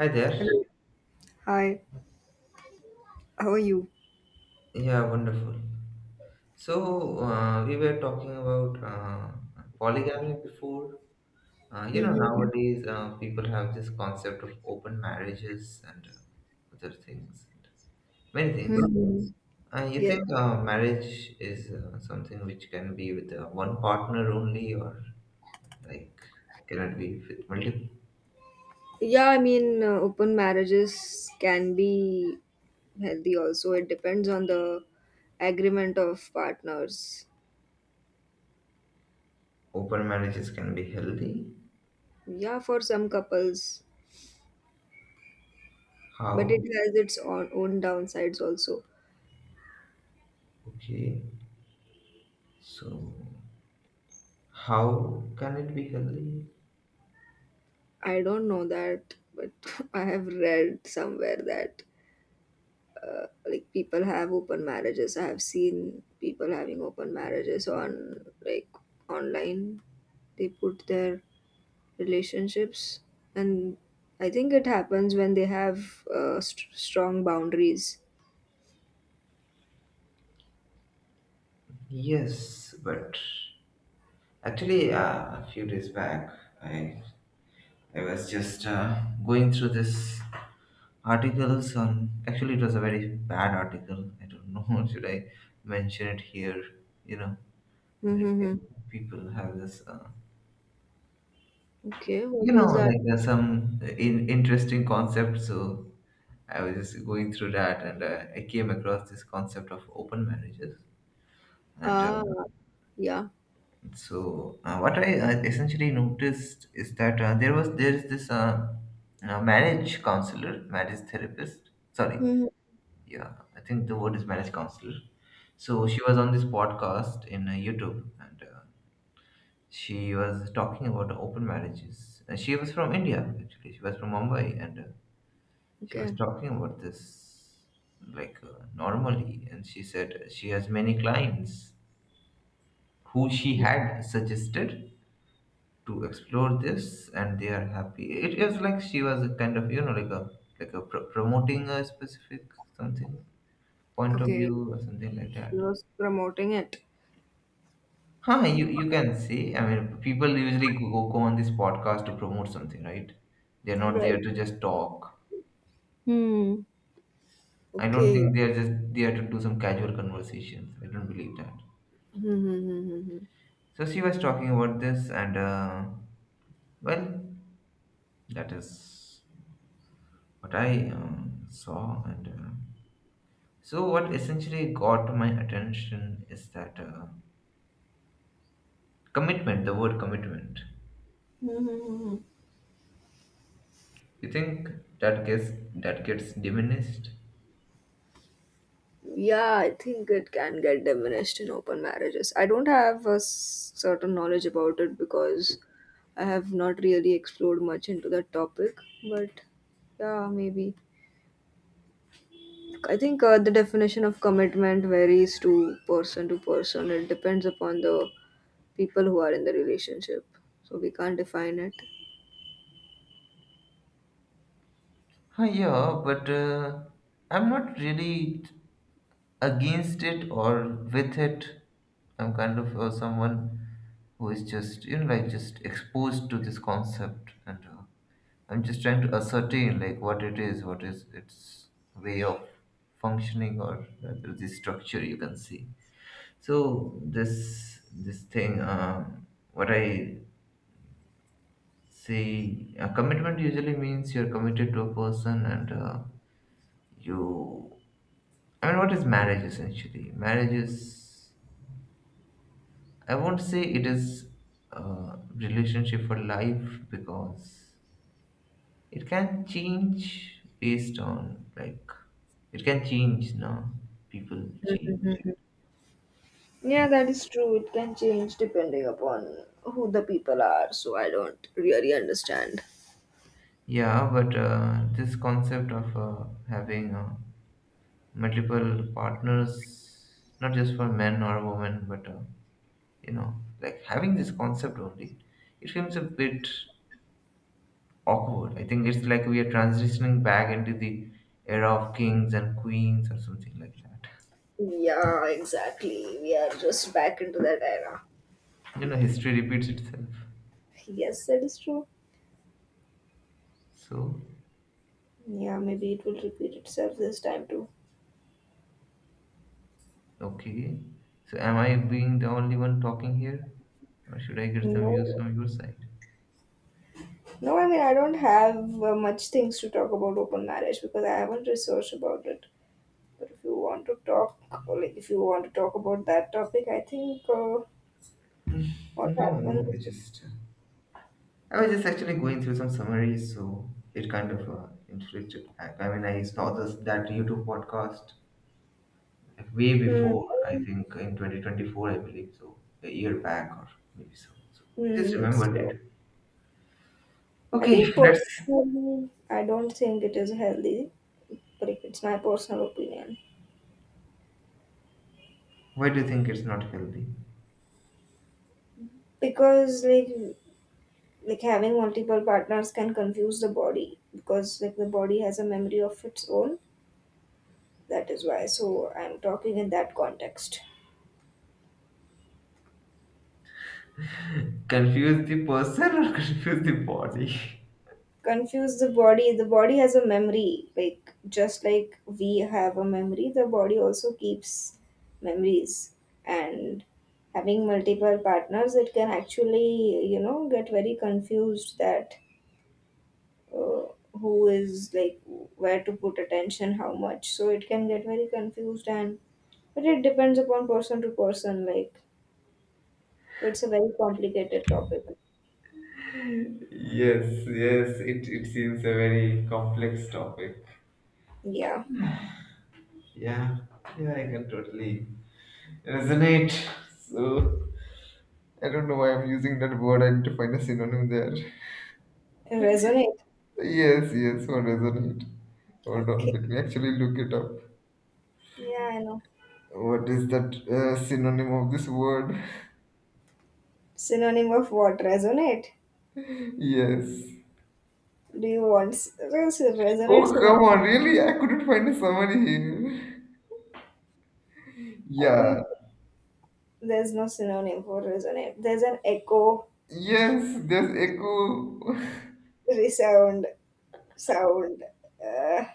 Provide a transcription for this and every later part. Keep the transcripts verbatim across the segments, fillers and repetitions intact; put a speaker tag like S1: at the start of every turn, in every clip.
S1: Hi there.
S2: Hello. Hi. How are you?
S1: Yeah, wonderful. So uh, we were talking about uh, polygamy before. Uh, you know,
S2: Mm-hmm.
S1: nowadays uh, people have this concept of open marriages and uh, other things, many things.
S2: Hmm.
S1: Uh, you
S2: Yes.
S1: think uh, marriage is uh, something which can be with uh, one partner only, or like can it be with multiple?
S2: Yeah, I mean, uh, open marriages can be healthy also. It depends on the agreement of partners.
S1: Open marriages can be healthy.
S2: Yeah, for some couples, but it
S1: How?
S2: has its own, own downsides also.
S1: Okay. So how can it be healthy?
S2: I don't know that, but I have read somewhere that uh, like people have open marriages. I have seen people having open marriages on, like, online. They put their relationships, and I think it happens when they have uh, st- strong boundaries.
S1: Yes, but actually, uh, a few days back, I I was just uh, going through this articles on. Actually, it was a very bad article. I don't know should I mention it here. You know, like
S2: Mm-hmm.
S1: people have this. Uh,
S2: Okay, what
S1: you know,
S2: was that?
S1: like there's some in, interesting concept. So I was just going through that, and uh, I came across this concept of open marriages, and. Uh,
S2: Ah, yeah.
S1: So uh, what I uh, essentially noticed is that uh, there was there is this uh, uh, marriage counselor, marriage therapist. Sorry,
S2: Hmm.
S1: yeah, I think the word is marriage counselor. So she was on this podcast in uh, YouTube, and uh, she was talking about open marriages. And she was from India actually. She was from Mumbai, and uh, she was
S2: Okay.
S1: talking about this like uh, normally, and she said she has many clients who she had suggested to explore this, and they are happy. It is like she was a kind of, you know like a like a pro- promoting a specific something, point of
S2: Okay,
S1: view or something like
S2: she
S1: that.
S2: was promoting it.
S1: Huh, you you can see. I mean, people usually go, go on this podcast to promote something, right? They're not
S2: Right.
S1: there to just talk.
S2: Hmm.
S1: I don't
S2: Okay.
S1: think they're just there to do some casual conversations. I don't believe that.
S2: Mm-hmm.
S1: So she was talking about this, and uh, well, that is what I um, saw, and uh, so, what essentially got my attention is that uh, commitment, the word commitment. You think that gets that gets diminished?
S2: Yeah, I think it can get diminished in open marriages. I don't have a s- certain knowledge about it because I have not really explored much into that topic. But yeah, maybe. I think uh, the definition of commitment varies to person to person. It depends upon the people who are in the relationship. So we can't define it.
S1: Huh, yeah, but uh, I'm not really against it or with it. I'm kind of uh, someone who is just, you know like, just exposed to this concept, and uh, I'm just trying to ascertain, like, what it is, what is its way of functioning or uh, the structure, you can see. So this this thing, um, what I see, a commitment usually means you're committed to a person, and uh, you. I mean, what is marriage essentially? Marriage is. I won't say it is a relationship for life, because it can change based on, like, it can change now. People change.
S2: Mhm. Yeah, that is true. It can change depending upon who the people are. So I don't really understand.
S1: Yeah, but uh, this concept of uh, having a multiple partners, not just for men or women, but uh, you know, like having this concept only, it feels a bit awkward. I think it's like we are transitioning back into the era of kings and queens or something like that.
S2: Yeah, exactly. We are just back into that era.
S1: You know, history repeats itself.
S2: Yes, that is true.
S1: So,
S2: Yeah, maybe it will repeat itself this time too.
S1: okay. So, am I being the only one talking here, or should I get some
S2: No,
S1: views from your side?
S2: no, I mean, I don't have uh, much things to talk about open marriage because I haven't researched about it. But if you want to talk, or like, if you want to talk about that topic, I think uh, what
S1: No,
S2: happens.
S1: no, I just I was just actually going through some summaries, so it kind of uh, inflicted. I I mean, I saw this that YouTube podcast way
S2: Hmm.
S1: before. I think in twenty twenty-four, I believe, so a year back or maybe so. So I just
S2: Hmm.
S1: remembered
S2: So,
S1: it.
S2: I
S1: Okay,
S2: think
S1: let's.
S2: personally, I don't think it is healthy, but if it's my personal opinion.
S1: Why do you think it's not healthy?
S2: Because, like, like having multiple partners can confuse the body, because like the body has a memory of its own. That is why, so I'm talking in that context.
S1: Confuse the person or confuse the body?
S2: Confuse the body. The body has a memory, like, just like we have a memory. The body also keeps memories. And having multiple partners, it can actually, you know get very confused that uh, who is, like, where to put attention, how much. So it can get very confused. And, but it depends upon person to person. Like, it's a very complicated topic.
S1: Yes, yes, it, it seems a very complex topic.
S2: Yeah.
S1: Yeah. Yeah, I can totally resonate. So. I don't know why I'm using that word. I need to find a synonym there.
S2: Resonate.
S1: Yes, yes, what resonate? Hold on,
S2: Okay.
S1: let me actually look it up.
S2: Yeah, I know.
S1: What is that uh, synonym of this word?
S2: Synonym of what? Resonate?
S1: Yes.
S2: Do you want s- res- resonate
S1: Oh,
S2: synonym?
S1: come on, really? I couldn't find a summary here.
S2: I think
S1: Yeah.
S2: there's no synonym for resonate. There's an echo,
S1: Yes, there's echo.
S2: resound, sound. Uh,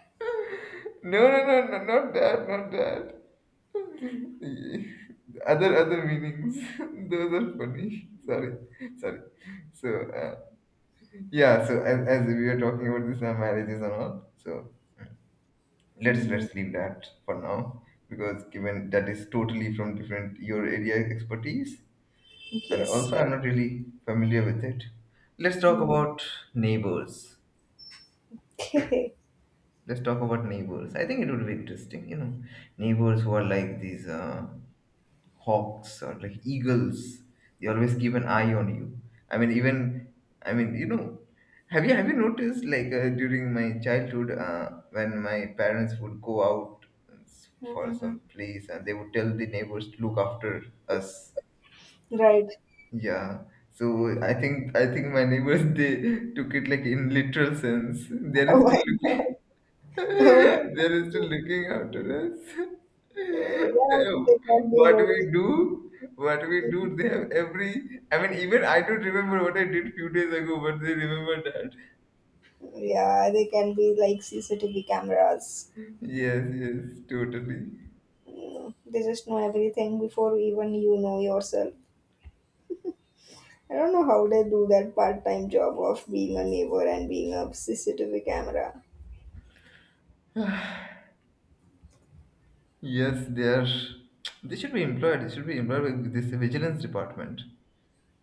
S1: No, no, no, no, not that, not that. Other, other meanings. Those are funny. Sorry, sorry. So, uh, yeah, so as, as we were talking about this uh, marriages and all, so let's
S2: mhm.
S1: let's leave that for now, because given that is totally from different your area expertise, and
S2: Yes,
S1: also I'm not
S2: correct.
S1: really familiar with it. Let's talk
S2: Mm.
S1: about neighbors.
S2: Okay.
S1: let's talk about neighbors I think it would be interesting, you know, neighbors who are like these uh, hawks or like eagles. They always keep an eye on you. I mean even i mean, you know, have you have you noticed, like, uh, during my childhood uh, when my parents would go out for some
S2: Mhm.
S1: place, and they would tell the neighbors to look after us?
S2: Right.
S1: Yeah. So i think i think my neighbors they took it like in literal sense. They are
S2: Oh my
S1: still looking.
S2: god. Oh,
S1: They're still looking after us.
S2: oh yeah, they
S1: Oh,
S2: can
S1: What we
S2: be
S1: do, what we
S2: very.
S1: do, they have every. I mean, even I don't remember what I did few days ago, but they remember that.
S2: Yeah, they can be like C C T V cameras.
S1: Yes, yes, totally.
S2: Mm, they just know everything before even you know yourself. I don't know how they do that part time job of being a neighbor and being a C C T V camera.
S1: Yes, they are. They should be employed. They should be employed with this vigilance department.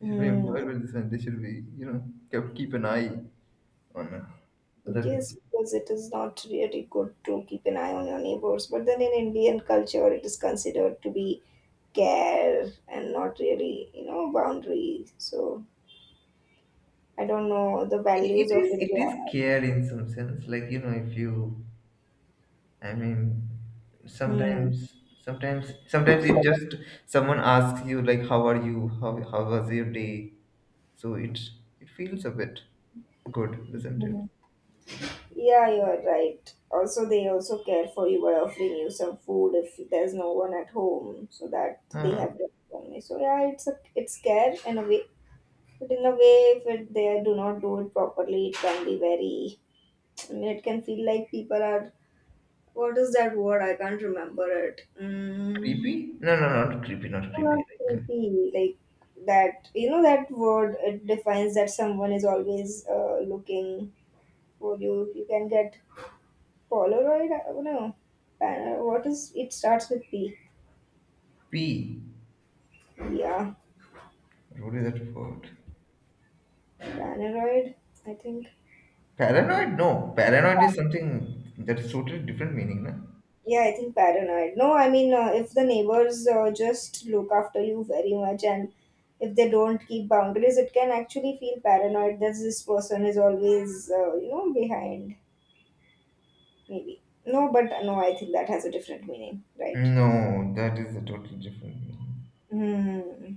S1: They should be employed
S2: Mm.
S1: with this, and they should be, you know, kept, keep an eye on uh, other
S2: Yes,
S1: people.
S2: because it is not really good to keep an eye on your neighbors. But then in Indian culture, it is considered to be care and not really, you know, boundary. So I don't know the
S1: It
S2: values
S1: it
S2: of
S1: is, it
S2: India.
S1: is care in some sense. Like, you know, if you, I mean, sometimes, sometimes, sometimes it just someone asks you, like, "How are you? How how was your day?" So it it feels a bit good, doesn't it?
S2: Hmm. Yeah, you're right. Also, they also care for you by offering you some food if there's no one at home, so that they
S1: Ah,
S2: have their family. So yeah, it's a it's care in a way, but in a way, if it, they do not do it properly, it can be very. I mean, it can feel like people are. What is that word? I can't remember it. Mm,
S1: creepy? No, no, not creepy, not creepy.
S2: not
S1: Like uh,
S2: creepy, like that. You know that word. It defines that someone is always uh, looking for you. You can get Polaroid? I don't know. Paner, what is it, starts with P.
S1: P.
S2: Yeah,
S1: What is that word?
S2: Paneroid, I think.
S1: Paranoid? No, paranoid is something that is totally different meaning, na?
S2: Yeah, I think paranoid. No, I mean, uh, if the neighbors uh, just look after you very much and if they don't keep boundaries, it can actually feel paranoid that this person is always, uh, you know, behind, maybe. No, but uh, no, I think that has a different meaning, right?
S1: No, that is a totally different meaning.
S2: Hmm,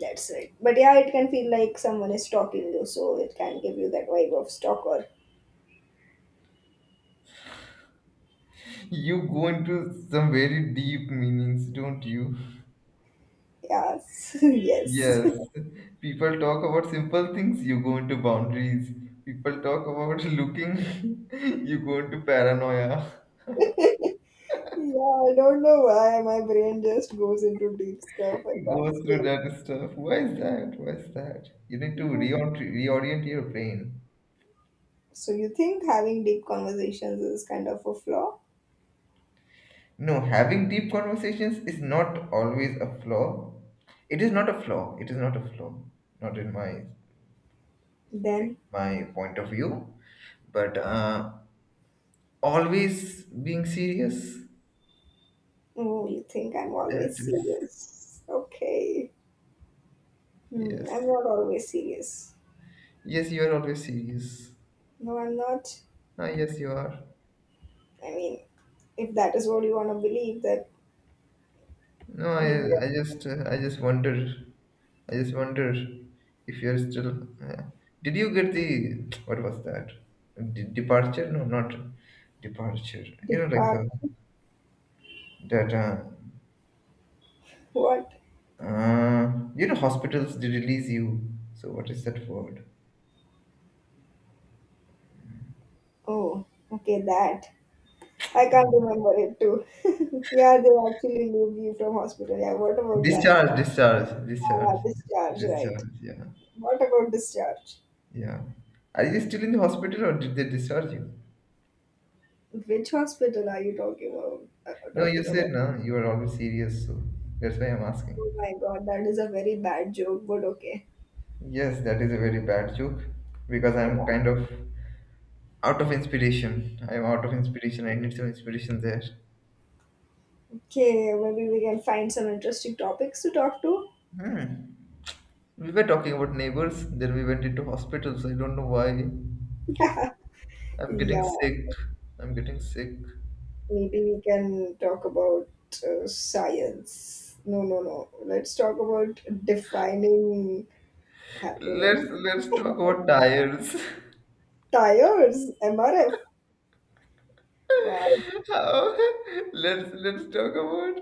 S2: that's right. But yeah, it can feel like someone is stalking you, so it can give you that vibe of stalker.
S1: You go into some very deep meanings, don't you?
S2: Yes, yes.
S1: Yes, people talk about simple things, you go into boundaries. People talk about looking, you go into paranoia.
S2: Yeah, I don't know why my brain just goes into deep stuff. I
S1: It
S2: can't
S1: goes through
S2: stay.
S1: that stuff. Why is that? Why is that? You need to
S2: into-
S1: reorient, reorient your brain.
S2: So you think having deep conversations is kind of a flaw?
S1: No, having deep conversations is not always a flaw. It is not a flaw. It is not a flaw. Not in my, like,
S2: Then,
S1: my point of view, but uh, always being serious.
S2: oh, you think I'm
S1: That
S2: always
S1: is
S2: serious. Okay. Hmm,
S1: yes.
S2: I'm not always serious.
S1: Yes, you are always serious.
S2: No, I'm not.
S1: Ah, yes, you are.
S2: I mean, if that is what you want to believe, that
S1: No,
S2: you
S1: I, I just, uh, I just wonder, I just wonder if you are still. Uh, did you get the what was that? De- departure? No, not departure. You know, like
S2: depart.
S1: uh, that. Uh,
S2: What?
S1: uh, you know, hospitals they release you. So what is that word?
S2: Oh, okay, that. I can't
S1: Um,
S2: remember it too. Yeah, they actually leave you from hospital. Yeah, what about that?
S1: discharge, discharge, discharge,
S2: Ah, discharge, right.
S1: discharge. Yeah,
S2: What about discharge?
S1: yeah. Are you still in the hospital, or did they discharge you?
S2: Which hospital are you talking about? Uh,
S1: No, you
S2: talking
S1: said
S2: about?
S1: no, you are always serious, so that's why I'm asking.
S2: Oh my god, that is a very bad joke, but okay.
S1: Yes, that is a very bad joke, because I'm kind of out of inspiration. I'm out of inspiration. I need some inspiration there.
S2: Okay, maybe we can find some interesting topics to talk to.
S1: We were talking about neighbors, then we went into hospitals. I don't know why. I'm getting
S2: Yeah,
S1: sick. I'm getting sick.
S2: maybe we can talk about uh, science. No, no, no. Let's talk about defining happiness.
S1: Let's let's talk about tires.
S2: Tires, M R F. Wow.
S1: How? Let's let's talk about.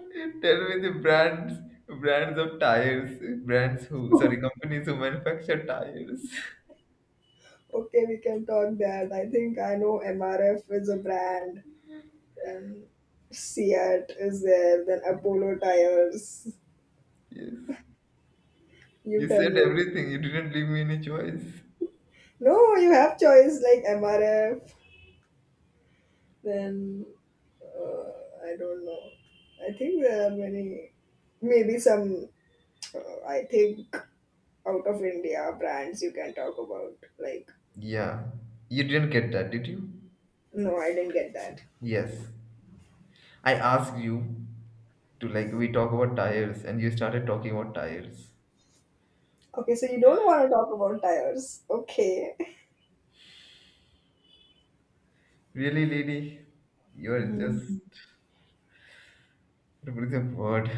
S1: Tell me the brands brands of tires. Brands who sorry companies who manufacture tires.
S2: Okay, we can talk that. I think I know M R F is a brand, then Seat is there, then Apollo Tires.
S1: Yes.
S2: You
S1: You
S2: tell
S1: said
S2: me.
S1: everything. You didn't leave me any choice.
S2: No, you have choice like M R F, then uh, I don't know. I think there are many, maybe some, uh, I think out of India brands you can talk about. Like,
S1: Yeah. You didn't get that, did you?
S2: no, I didn't get that.
S1: Yes. I asked you to, like, we talk about tires and you started talking about tires.
S2: Okay, so you don't want to talk about tires. Okay.
S1: Really, lady? You're just,
S2: Mhm.
S1: what is the word?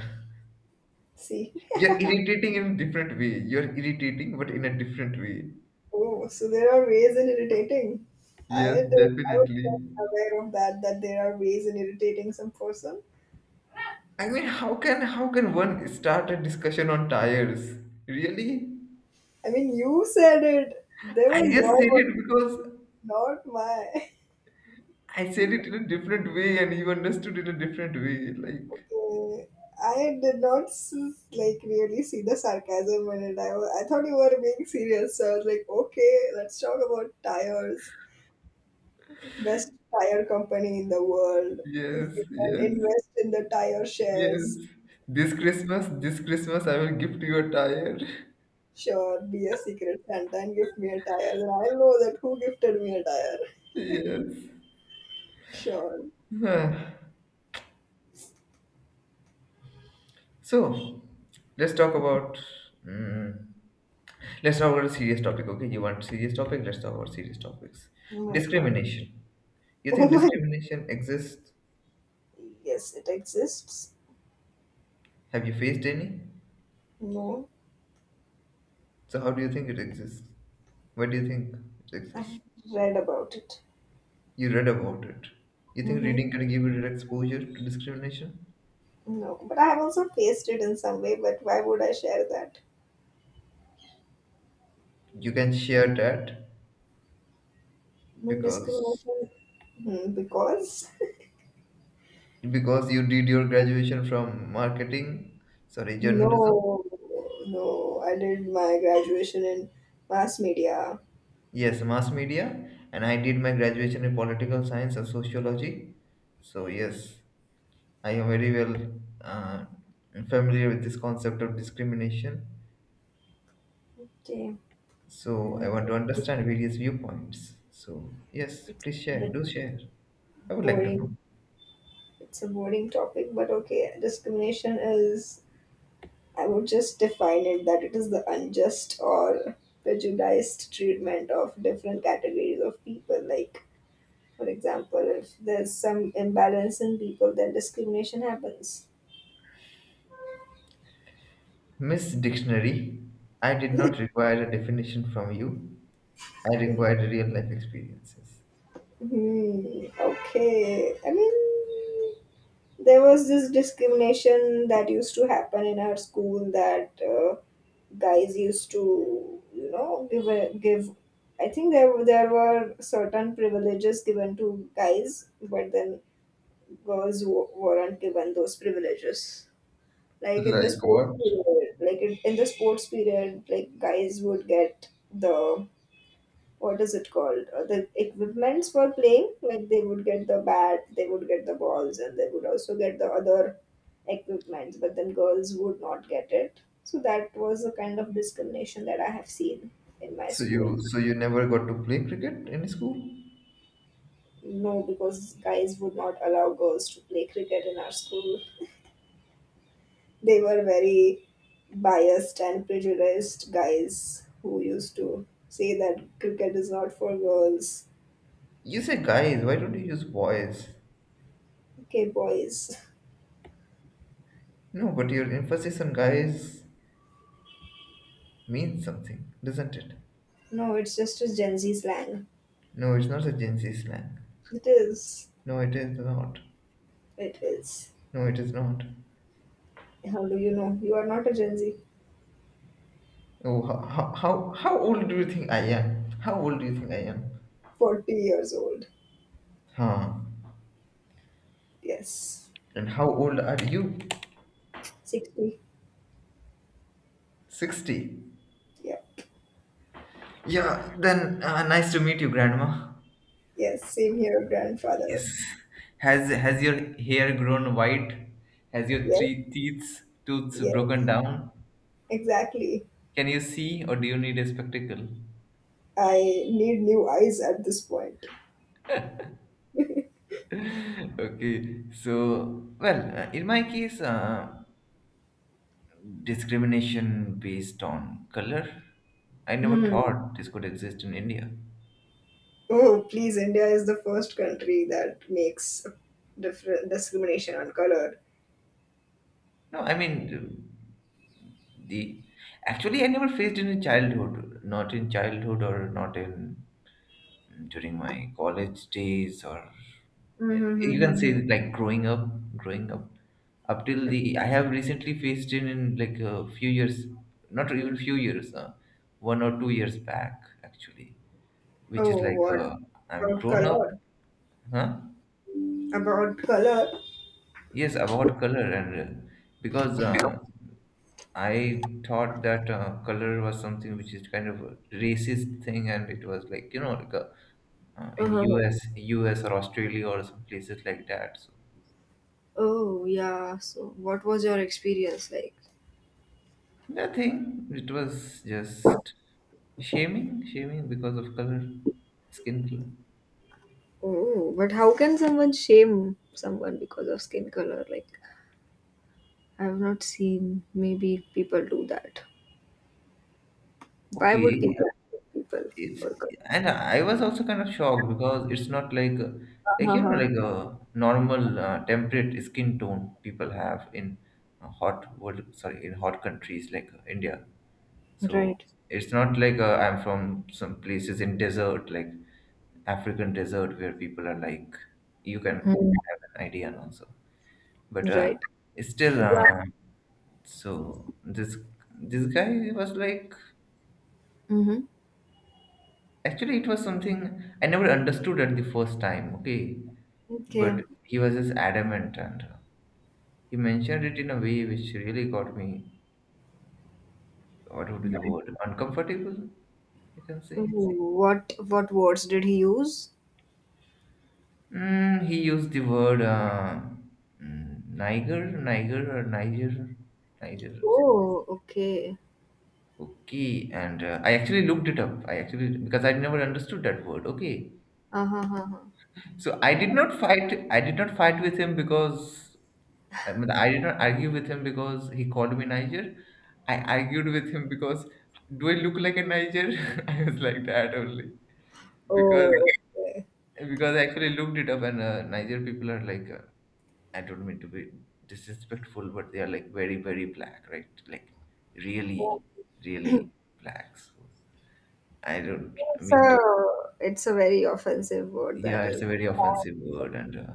S2: See.
S1: You're irritating in a different way. You're irritating but in a different way.
S2: Oh, so there are ways in irritating.
S1: Yes,
S2: I don't, I was not
S1: definitely.
S2: aware of that, that there are ways in irritating some person.
S1: I mean, how can how can one start a discussion on tires? Really?
S2: I mean, you said it. They
S1: I
S2: were
S1: just
S2: your
S1: said it
S2: words,
S1: because
S2: not my.
S1: I said it in a different way and you understood in a different way. Like,
S2: Uh, I did not s- like really see the sarcasm in it. I, wa- I thought you were being serious. So I was like, okay, let's talk about tires. Best tire company in the world. If
S1: yes,
S2: we can
S1: yes,
S2: invest in the tire shares.
S1: yes. This Christmas, this Christmas, I will gift you a tire.
S2: Sure, be a secret Santa and gift me a tire. Then I'll know that who gifted me a tire.
S1: Yes.
S2: Sure.
S1: Huh. So, let's talk about. Mm, let's talk about a serious topic, okay? You want serious topic? Let's talk about serious topics.
S2: Oh my god.
S1: Discrimination. You
S2: Oh
S1: think
S2: my.
S1: discrimination exists?
S2: Yes, it exists.
S1: Have you faced any?
S2: No,
S1: So, how do you think it exists? What do you think it exists?
S2: I read about it.
S1: You read about it. You think
S2: Mm-hmm.
S1: reading can give you direct exposure to discrimination?
S2: No, but I have also faced it in some way. But why would I share that?
S1: You can share that,
S2: I mean,
S1: because
S2: discrimination. Hmm, because
S1: because you did your graduation from marketing, sorry, journalism.
S2: no, no, I did my graduation in mass media.
S1: Yes, mass media, and I did my graduation in political science and sociology. So yes, I am very well uh, familiar with this concept of discrimination.
S2: Okay,
S1: So I
S2: it's,
S1: want to understand various viewpoints. So yes,
S2: it's
S1: please
S2: a
S1: share,
S2: bit
S1: do share. I would like to
S2: boring.
S1: know.
S2: It's a boring topic, but okay. Discrimination is, I would just define it that it is the unjust or prejudiced treatment of different categories of people. Like, for example, if there's some imbalance in people, then discrimination happens.
S1: Miss Dictionary, I did not require a definition from you. I required real life experiences.
S2: Hmm, okay. I mean, there was this discrimination that used to happen in our school, that uh, guys used to, you know give a, give I think there were- there were certain privileges given to guys, but then girls w- weren't given those privileges. Like in the
S1: Like
S2: sports
S1: what?
S2: period, like in in the sports period, like guys would get the, what is it called, uh, the equipments for playing. Like, they would get the bat, they would get the balls, and they would also get the other equipments, but then girls would not get it. So that was the kind of discrimination that I have seen in my
S1: So
S2: school.
S1: you so you never got to play cricket in school?
S2: No, because guys would not allow girls to play cricket in our school. They were very biased and prejudiced guys who used to say that cricket is not for girls.
S1: You say guys, why don't you use boys?
S2: Okay, boys.
S1: No, but your emphasis on guys means something, doesn't it?
S2: No, it's just a Gen Z slang.
S1: No, it's not a Gen Z slang.
S2: It is.
S1: No, it is not.
S2: It is.
S1: No, it is not.
S2: How do you know? You are not a Gen Z.
S1: Oh, how, how, how how old do you think I am? How old do you think I am?
S2: forty years old.
S1: Huh.
S2: Yes.
S1: And how old are you?
S2: sixty.
S1: sixty.
S2: Yeah.
S1: Yeah, then uh, nice to meet you, Grandma.
S2: Yes. Same here, grandfather.
S1: Yes. Has has your hair grown white? Has your
S2: Yes.
S1: three teeth tooths
S2: Yes.
S1: broken down?
S2: Exactly.
S1: Can you see, or do you need a spectacle?
S2: I need new eyes at this point.
S1: Okay, so well, uh, in my case, uh, discrimination based on color. I never
S2: Hmm.
S1: thought this could exist in India.
S2: Oh, please. India is the first country that makes different discrimination on color.
S1: No, I mean the actually I never faced in childhood, not in childhood or not in during my college days or you can
S2: Mm-hmm.
S1: say like growing up growing up up till the I have recently faced it in like a few years, not even few years, uh, one or two years back actually, which is
S2: Oh,
S1: like
S2: what
S1: uh, I'm
S2: about
S1: grown up,
S2: color?
S1: huh.
S2: About color?
S1: Yes, about color, and uh, because uh, I thought that uh, color was something which is kind of a racist thing, and it was like, you know, like a, uh, in
S2: Uh-huh.
S1: U S, U S or Australia or some places like that. So
S2: Oh, yeah. So, what was your experience like?
S1: nothing. It was just shaming, shaming because of color, skin color.
S2: Oh, but how can someone shame someone because of skin color? Like, I have not seen, maybe people do that. Why would people
S1: Okay.
S2: hate people
S1: It's
S2: for color?
S1: And I was also kind of shocked because it's not like, uh, like, you know,
S2: Uh-huh.
S1: like a normal uh, temperate skin tone people have in uh, hot world, sorry, in hot countries like, uh, India. So it's not like, uh, I'm from some places in desert like African desert where people are like, you can
S2: Mm,
S1: have an idea and also. But uh,
S2: right.
S1: it's still
S2: Yeah.
S1: uh, so this this guy was like,
S2: Mm-hmm.
S1: actually it was something I never understood at the first time, okay?
S2: Okay.
S1: But he was just adamant, and he mentioned it in a way which really got me. What would be the word? Uncomfortable, you can say.
S2: Ooh, What what words did he use?
S1: Mm, he used the word, uh, mm, Niger, Niger or Niger, Niger or something.
S2: Oh, okay.
S1: Okay, and uh, I actually looked it up. I actually, because I never understood that word, okay?
S2: Uh-huh.
S1: So I did not fight. I did not fight with him because I mean, I did not argue with him because he called me Niger. I argued with him because, do I look like a Niger? I was like that only
S2: Oh,
S1: because
S2: okay.
S1: because I actually looked it up, and uh, Niger people are like, uh, I don't mean to be disrespectful, but they are like very very black, right? Like really really black. So I don't
S2: So
S1: mean to.
S2: it's a very offensive word that
S1: Yeah, it's
S2: is.
S1: a very offensive word, and uh,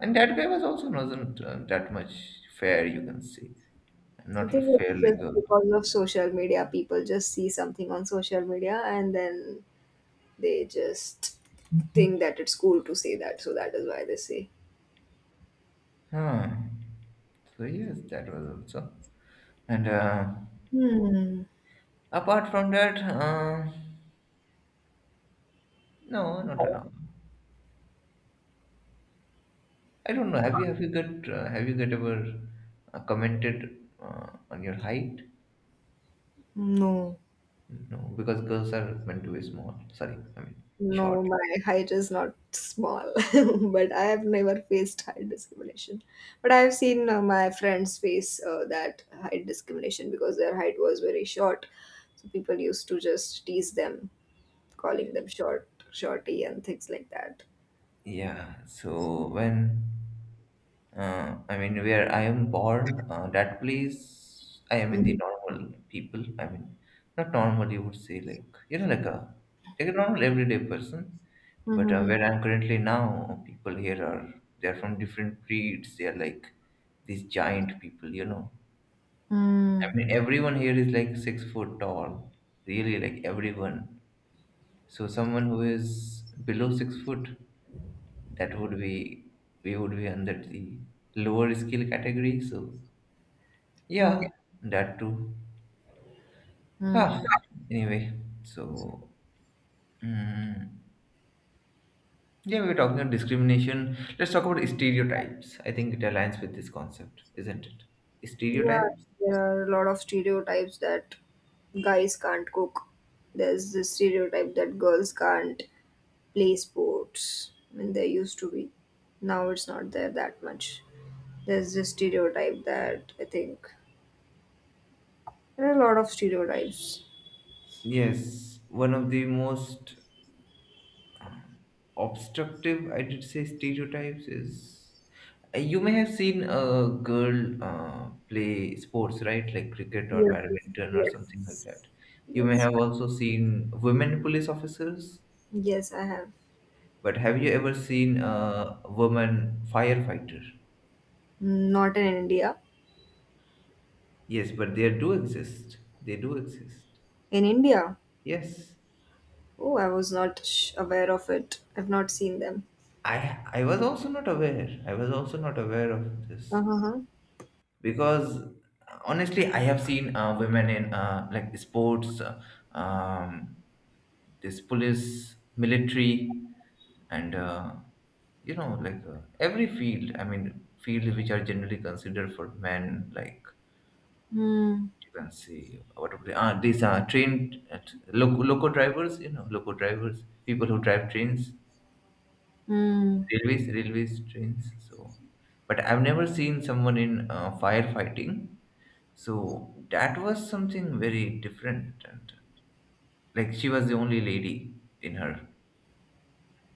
S1: and that guy was also, wasn't uh, that much fair, you can say,
S2: I
S1: not really
S2: think
S1: fair
S2: it's
S1: like,
S2: just
S1: uh,
S2: because of social media. People just see something on social media and then they just think that it's cool to say that. So that is why they say.
S1: huh. So yes, that was also, and uh,
S2: hmm,
S1: apart from that, uh, no, not at all. I don't know. Have you have you got uh, have you got ever uh, commented uh, on your height?
S2: no,
S1: No, because girls are meant to be small. Sorry, I mean short.
S2: no, my height is not small. But I have never faced height discrimination. But I have seen uh, my friends face uh, that height discrimination because their height was very short. So people used to just tease them, calling them short, shorty, and things like that.
S1: Yeah. So when, uh, I mean, where I am born, uh, that place, I am in the
S2: Mhm.
S1: normal people. I mean, not normal, you would say, like, you know, like a, like a normal everyday person. But uh,
S2: Mhm.
S1: where I'm currently now, people here are, they're from different breeds. They're like these giant people, you know. I
S2: Mm,
S1: mean, everyone here is like six foot tall, really, like everyone. So someone who is below six foot, that would be, we would be under the lower skill category. So
S2: yeah. Mm.
S1: yeah, that too. Ah, anyway, so mm, yeah, we were talking about discrimination. Let's talk about stereotypes. I think it aligns with this concept, isn't it?
S2: Yeah,
S1: Stereotypes.
S2: there are a lot of stereotypes that guys can't cook. There's the stereotype that girls can't play sports. I mean, there used to be. Now it's not there that much. There's this stereotype that I think there are a lot of stereotypes.
S1: Yes, one of the most um, obstructive, I did say, stereotypes is, uh, you may have seen a girl uh, play sports, right? Like cricket or
S2: Yes,
S1: badminton or something like
S2: yes,
S1: that. You may
S2: yes.
S1: have also seen women police officers.
S2: Yes, I have.
S1: But have you ever seen a woman firefighter?
S2: Not in India.
S1: Yes, but they do exist. They do exist.
S2: In India?
S1: Yes.
S2: Oh, I was not sh- aware of it. I've not seen them.
S1: I I was also not aware. I was also not aware of this
S2: Uh-huh.
S1: because honestly, I have seen uh, women in, uh, like sports, uh, um, this police, military, and uh, you know, like, uh, every field. I mean, fields which are generally considered for men, like,
S2: Hmm.
S1: you can see, what are they- ah, these are trained at loco, loco drivers, you know, loco drivers, people who drive trains,
S2: Hmm.
S1: railways railways trains. So but I've never seen someone in uh, firefighting. So that was something very different, and like she was the only lady in her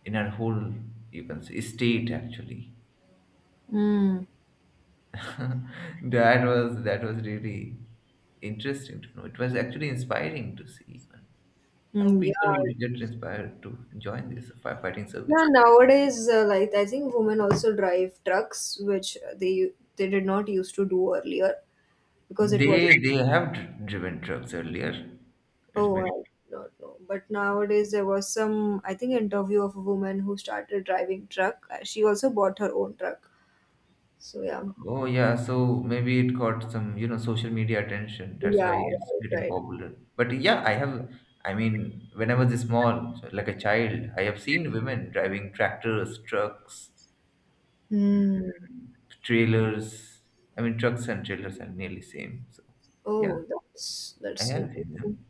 S1: in her whole, you can say, state actually.
S2: Mm,
S1: that was that was really interesting to know. It was actually inspiring to see even, I hope
S2: mm, yeah.
S1: people would get inspired to join this firefighting
S2: Yeah,
S1: service.
S2: nowadays, uh, like I think women also drive trucks, which they they did not used to do earlier because it was.
S1: They they have dr- driven trucks earlier. It's
S2: Oh, I
S1: been.
S2: do not know. But nowadays there was some, I think, interview of a woman who started driving truck. Uh, She also bought her own truck. So yeah,
S1: Oh yeah, so maybe it got some, you know, social media attention. That's
S2: yeah,
S1: why it's
S2: right,
S1: getting
S2: right.
S1: popular. But yeah, I have. I mean, when I was small, so like a child, I have seen women driving tractors, trucks,
S2: Hmm.
S1: trailers. I mean, trucks and trailers are nearly same. So yeah,
S2: Oh, that's
S1: I
S2: that's
S1: have seen
S2: interesting.
S1: them.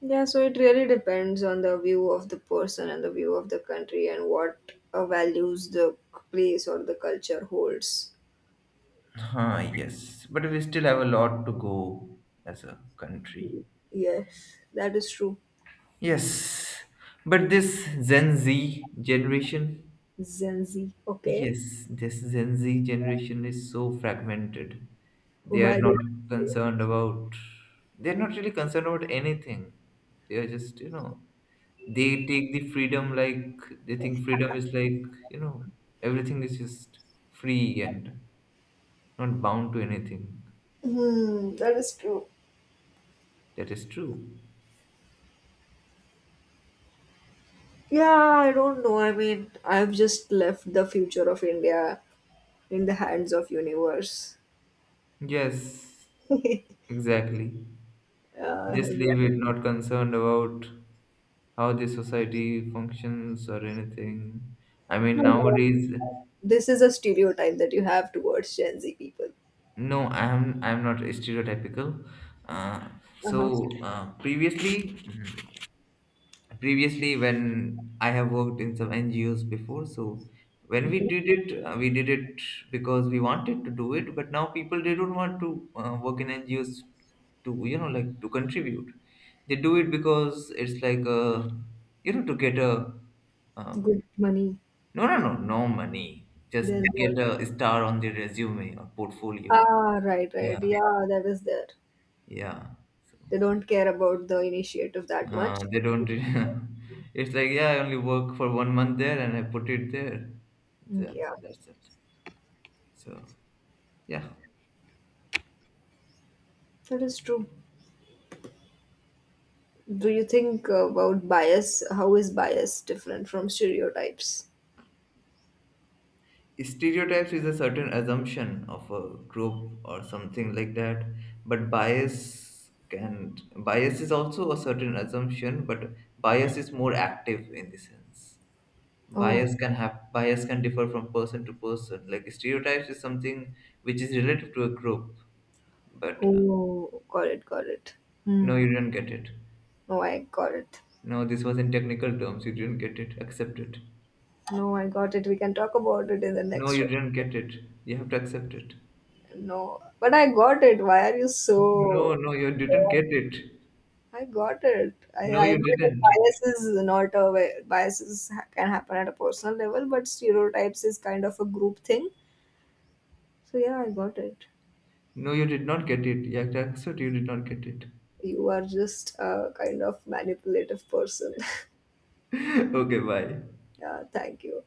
S2: Yeah, so it really depends on the view of the person and the view of the country and what uh, values the place or the culture holds.
S1: Huh, yes, but we still have a lot to go as a country.
S2: Yes, that is true.
S1: Yes, but this Gen Z generation,
S2: Gen Z, okay?
S1: yes, this Gen Z generation is so fragmented. They are
S2: Why do
S1: not concerned about, they're not really concerned about anything. They are just, you know, they take the freedom like, they think freedom is like, you know, everything is just free and not bound to anything.
S2: Hmm, that is true.
S1: That is true.
S2: Yeah, I don't know. I mean, I've just left the future of India in the hands of universe.
S1: Yes, exactly.
S2: Uh,
S1: Just leave
S2: yeah.
S1: it, not concerned about how the society functions or anything. I mean, nowadays,
S2: This is a stereotype that you have towards Gen Z people.
S1: no, I'm I'm not stereotypical. Uh,
S2: Uh-huh.
S1: so uh, previously, previously when I have worked in some NGOs before, so when we
S2: Okay.
S1: did it, uh, we did it because we wanted to do it, but now people, they don't want to uh, work in NGOs to, you know, like, to contribute. They do it because it's like, uh you know, to get a um,
S2: Good money.
S1: no no no no money, just
S2: Then
S1: get
S2: what?
S1: a star on their resume or portfolio.
S2: Ah, right, right.
S1: Yeah,
S2: Yeah, that is there.
S1: yeah. So
S2: They don't care about the initiative that much.
S1: Uh, they don't. Re- it's like, yeah, I only work for one month there, and I put it there.
S2: Mm,
S1: Yeah,
S2: yeah,
S1: that's it. So yeah.
S2: that is true. Do you think uh, about bias? How is bias different from stereotypes?
S1: Stereotypes is a certain assumption of a group or something like that. But bias can bias is also a certain assumption, but bias is more active in the sense.
S2: Oh,
S1: Bias can have bias can differ from person to person. Like stereotypes is something which is relative to a group, but uh,
S2: oh, got it, got it.
S1: no,
S2: Hmm.
S1: you do not get it.
S2: No, I got it.
S1: No, this was in technical terms. You didn't get it. Accept it.
S2: No, I got it. We can talk about it in the
S1: No,
S2: next
S1: you
S2: round.
S1: didn't get it. You have to accept it.
S2: No, but I got it. Why are you
S1: No,
S2: so?
S1: no, you didn't get it.
S2: I got it. I,
S1: No,
S2: I
S1: you
S2: know that
S1: didn't.
S2: bias is not a way, biases ha- can happen at a personal level, but stereotypes is kind of a group thing. So yeah, I got it.
S1: No, you did not get it. You have to accept you did not get it.
S2: You are just a kind of manipulative person.
S1: okay, bye.
S2: Yeah, thank you.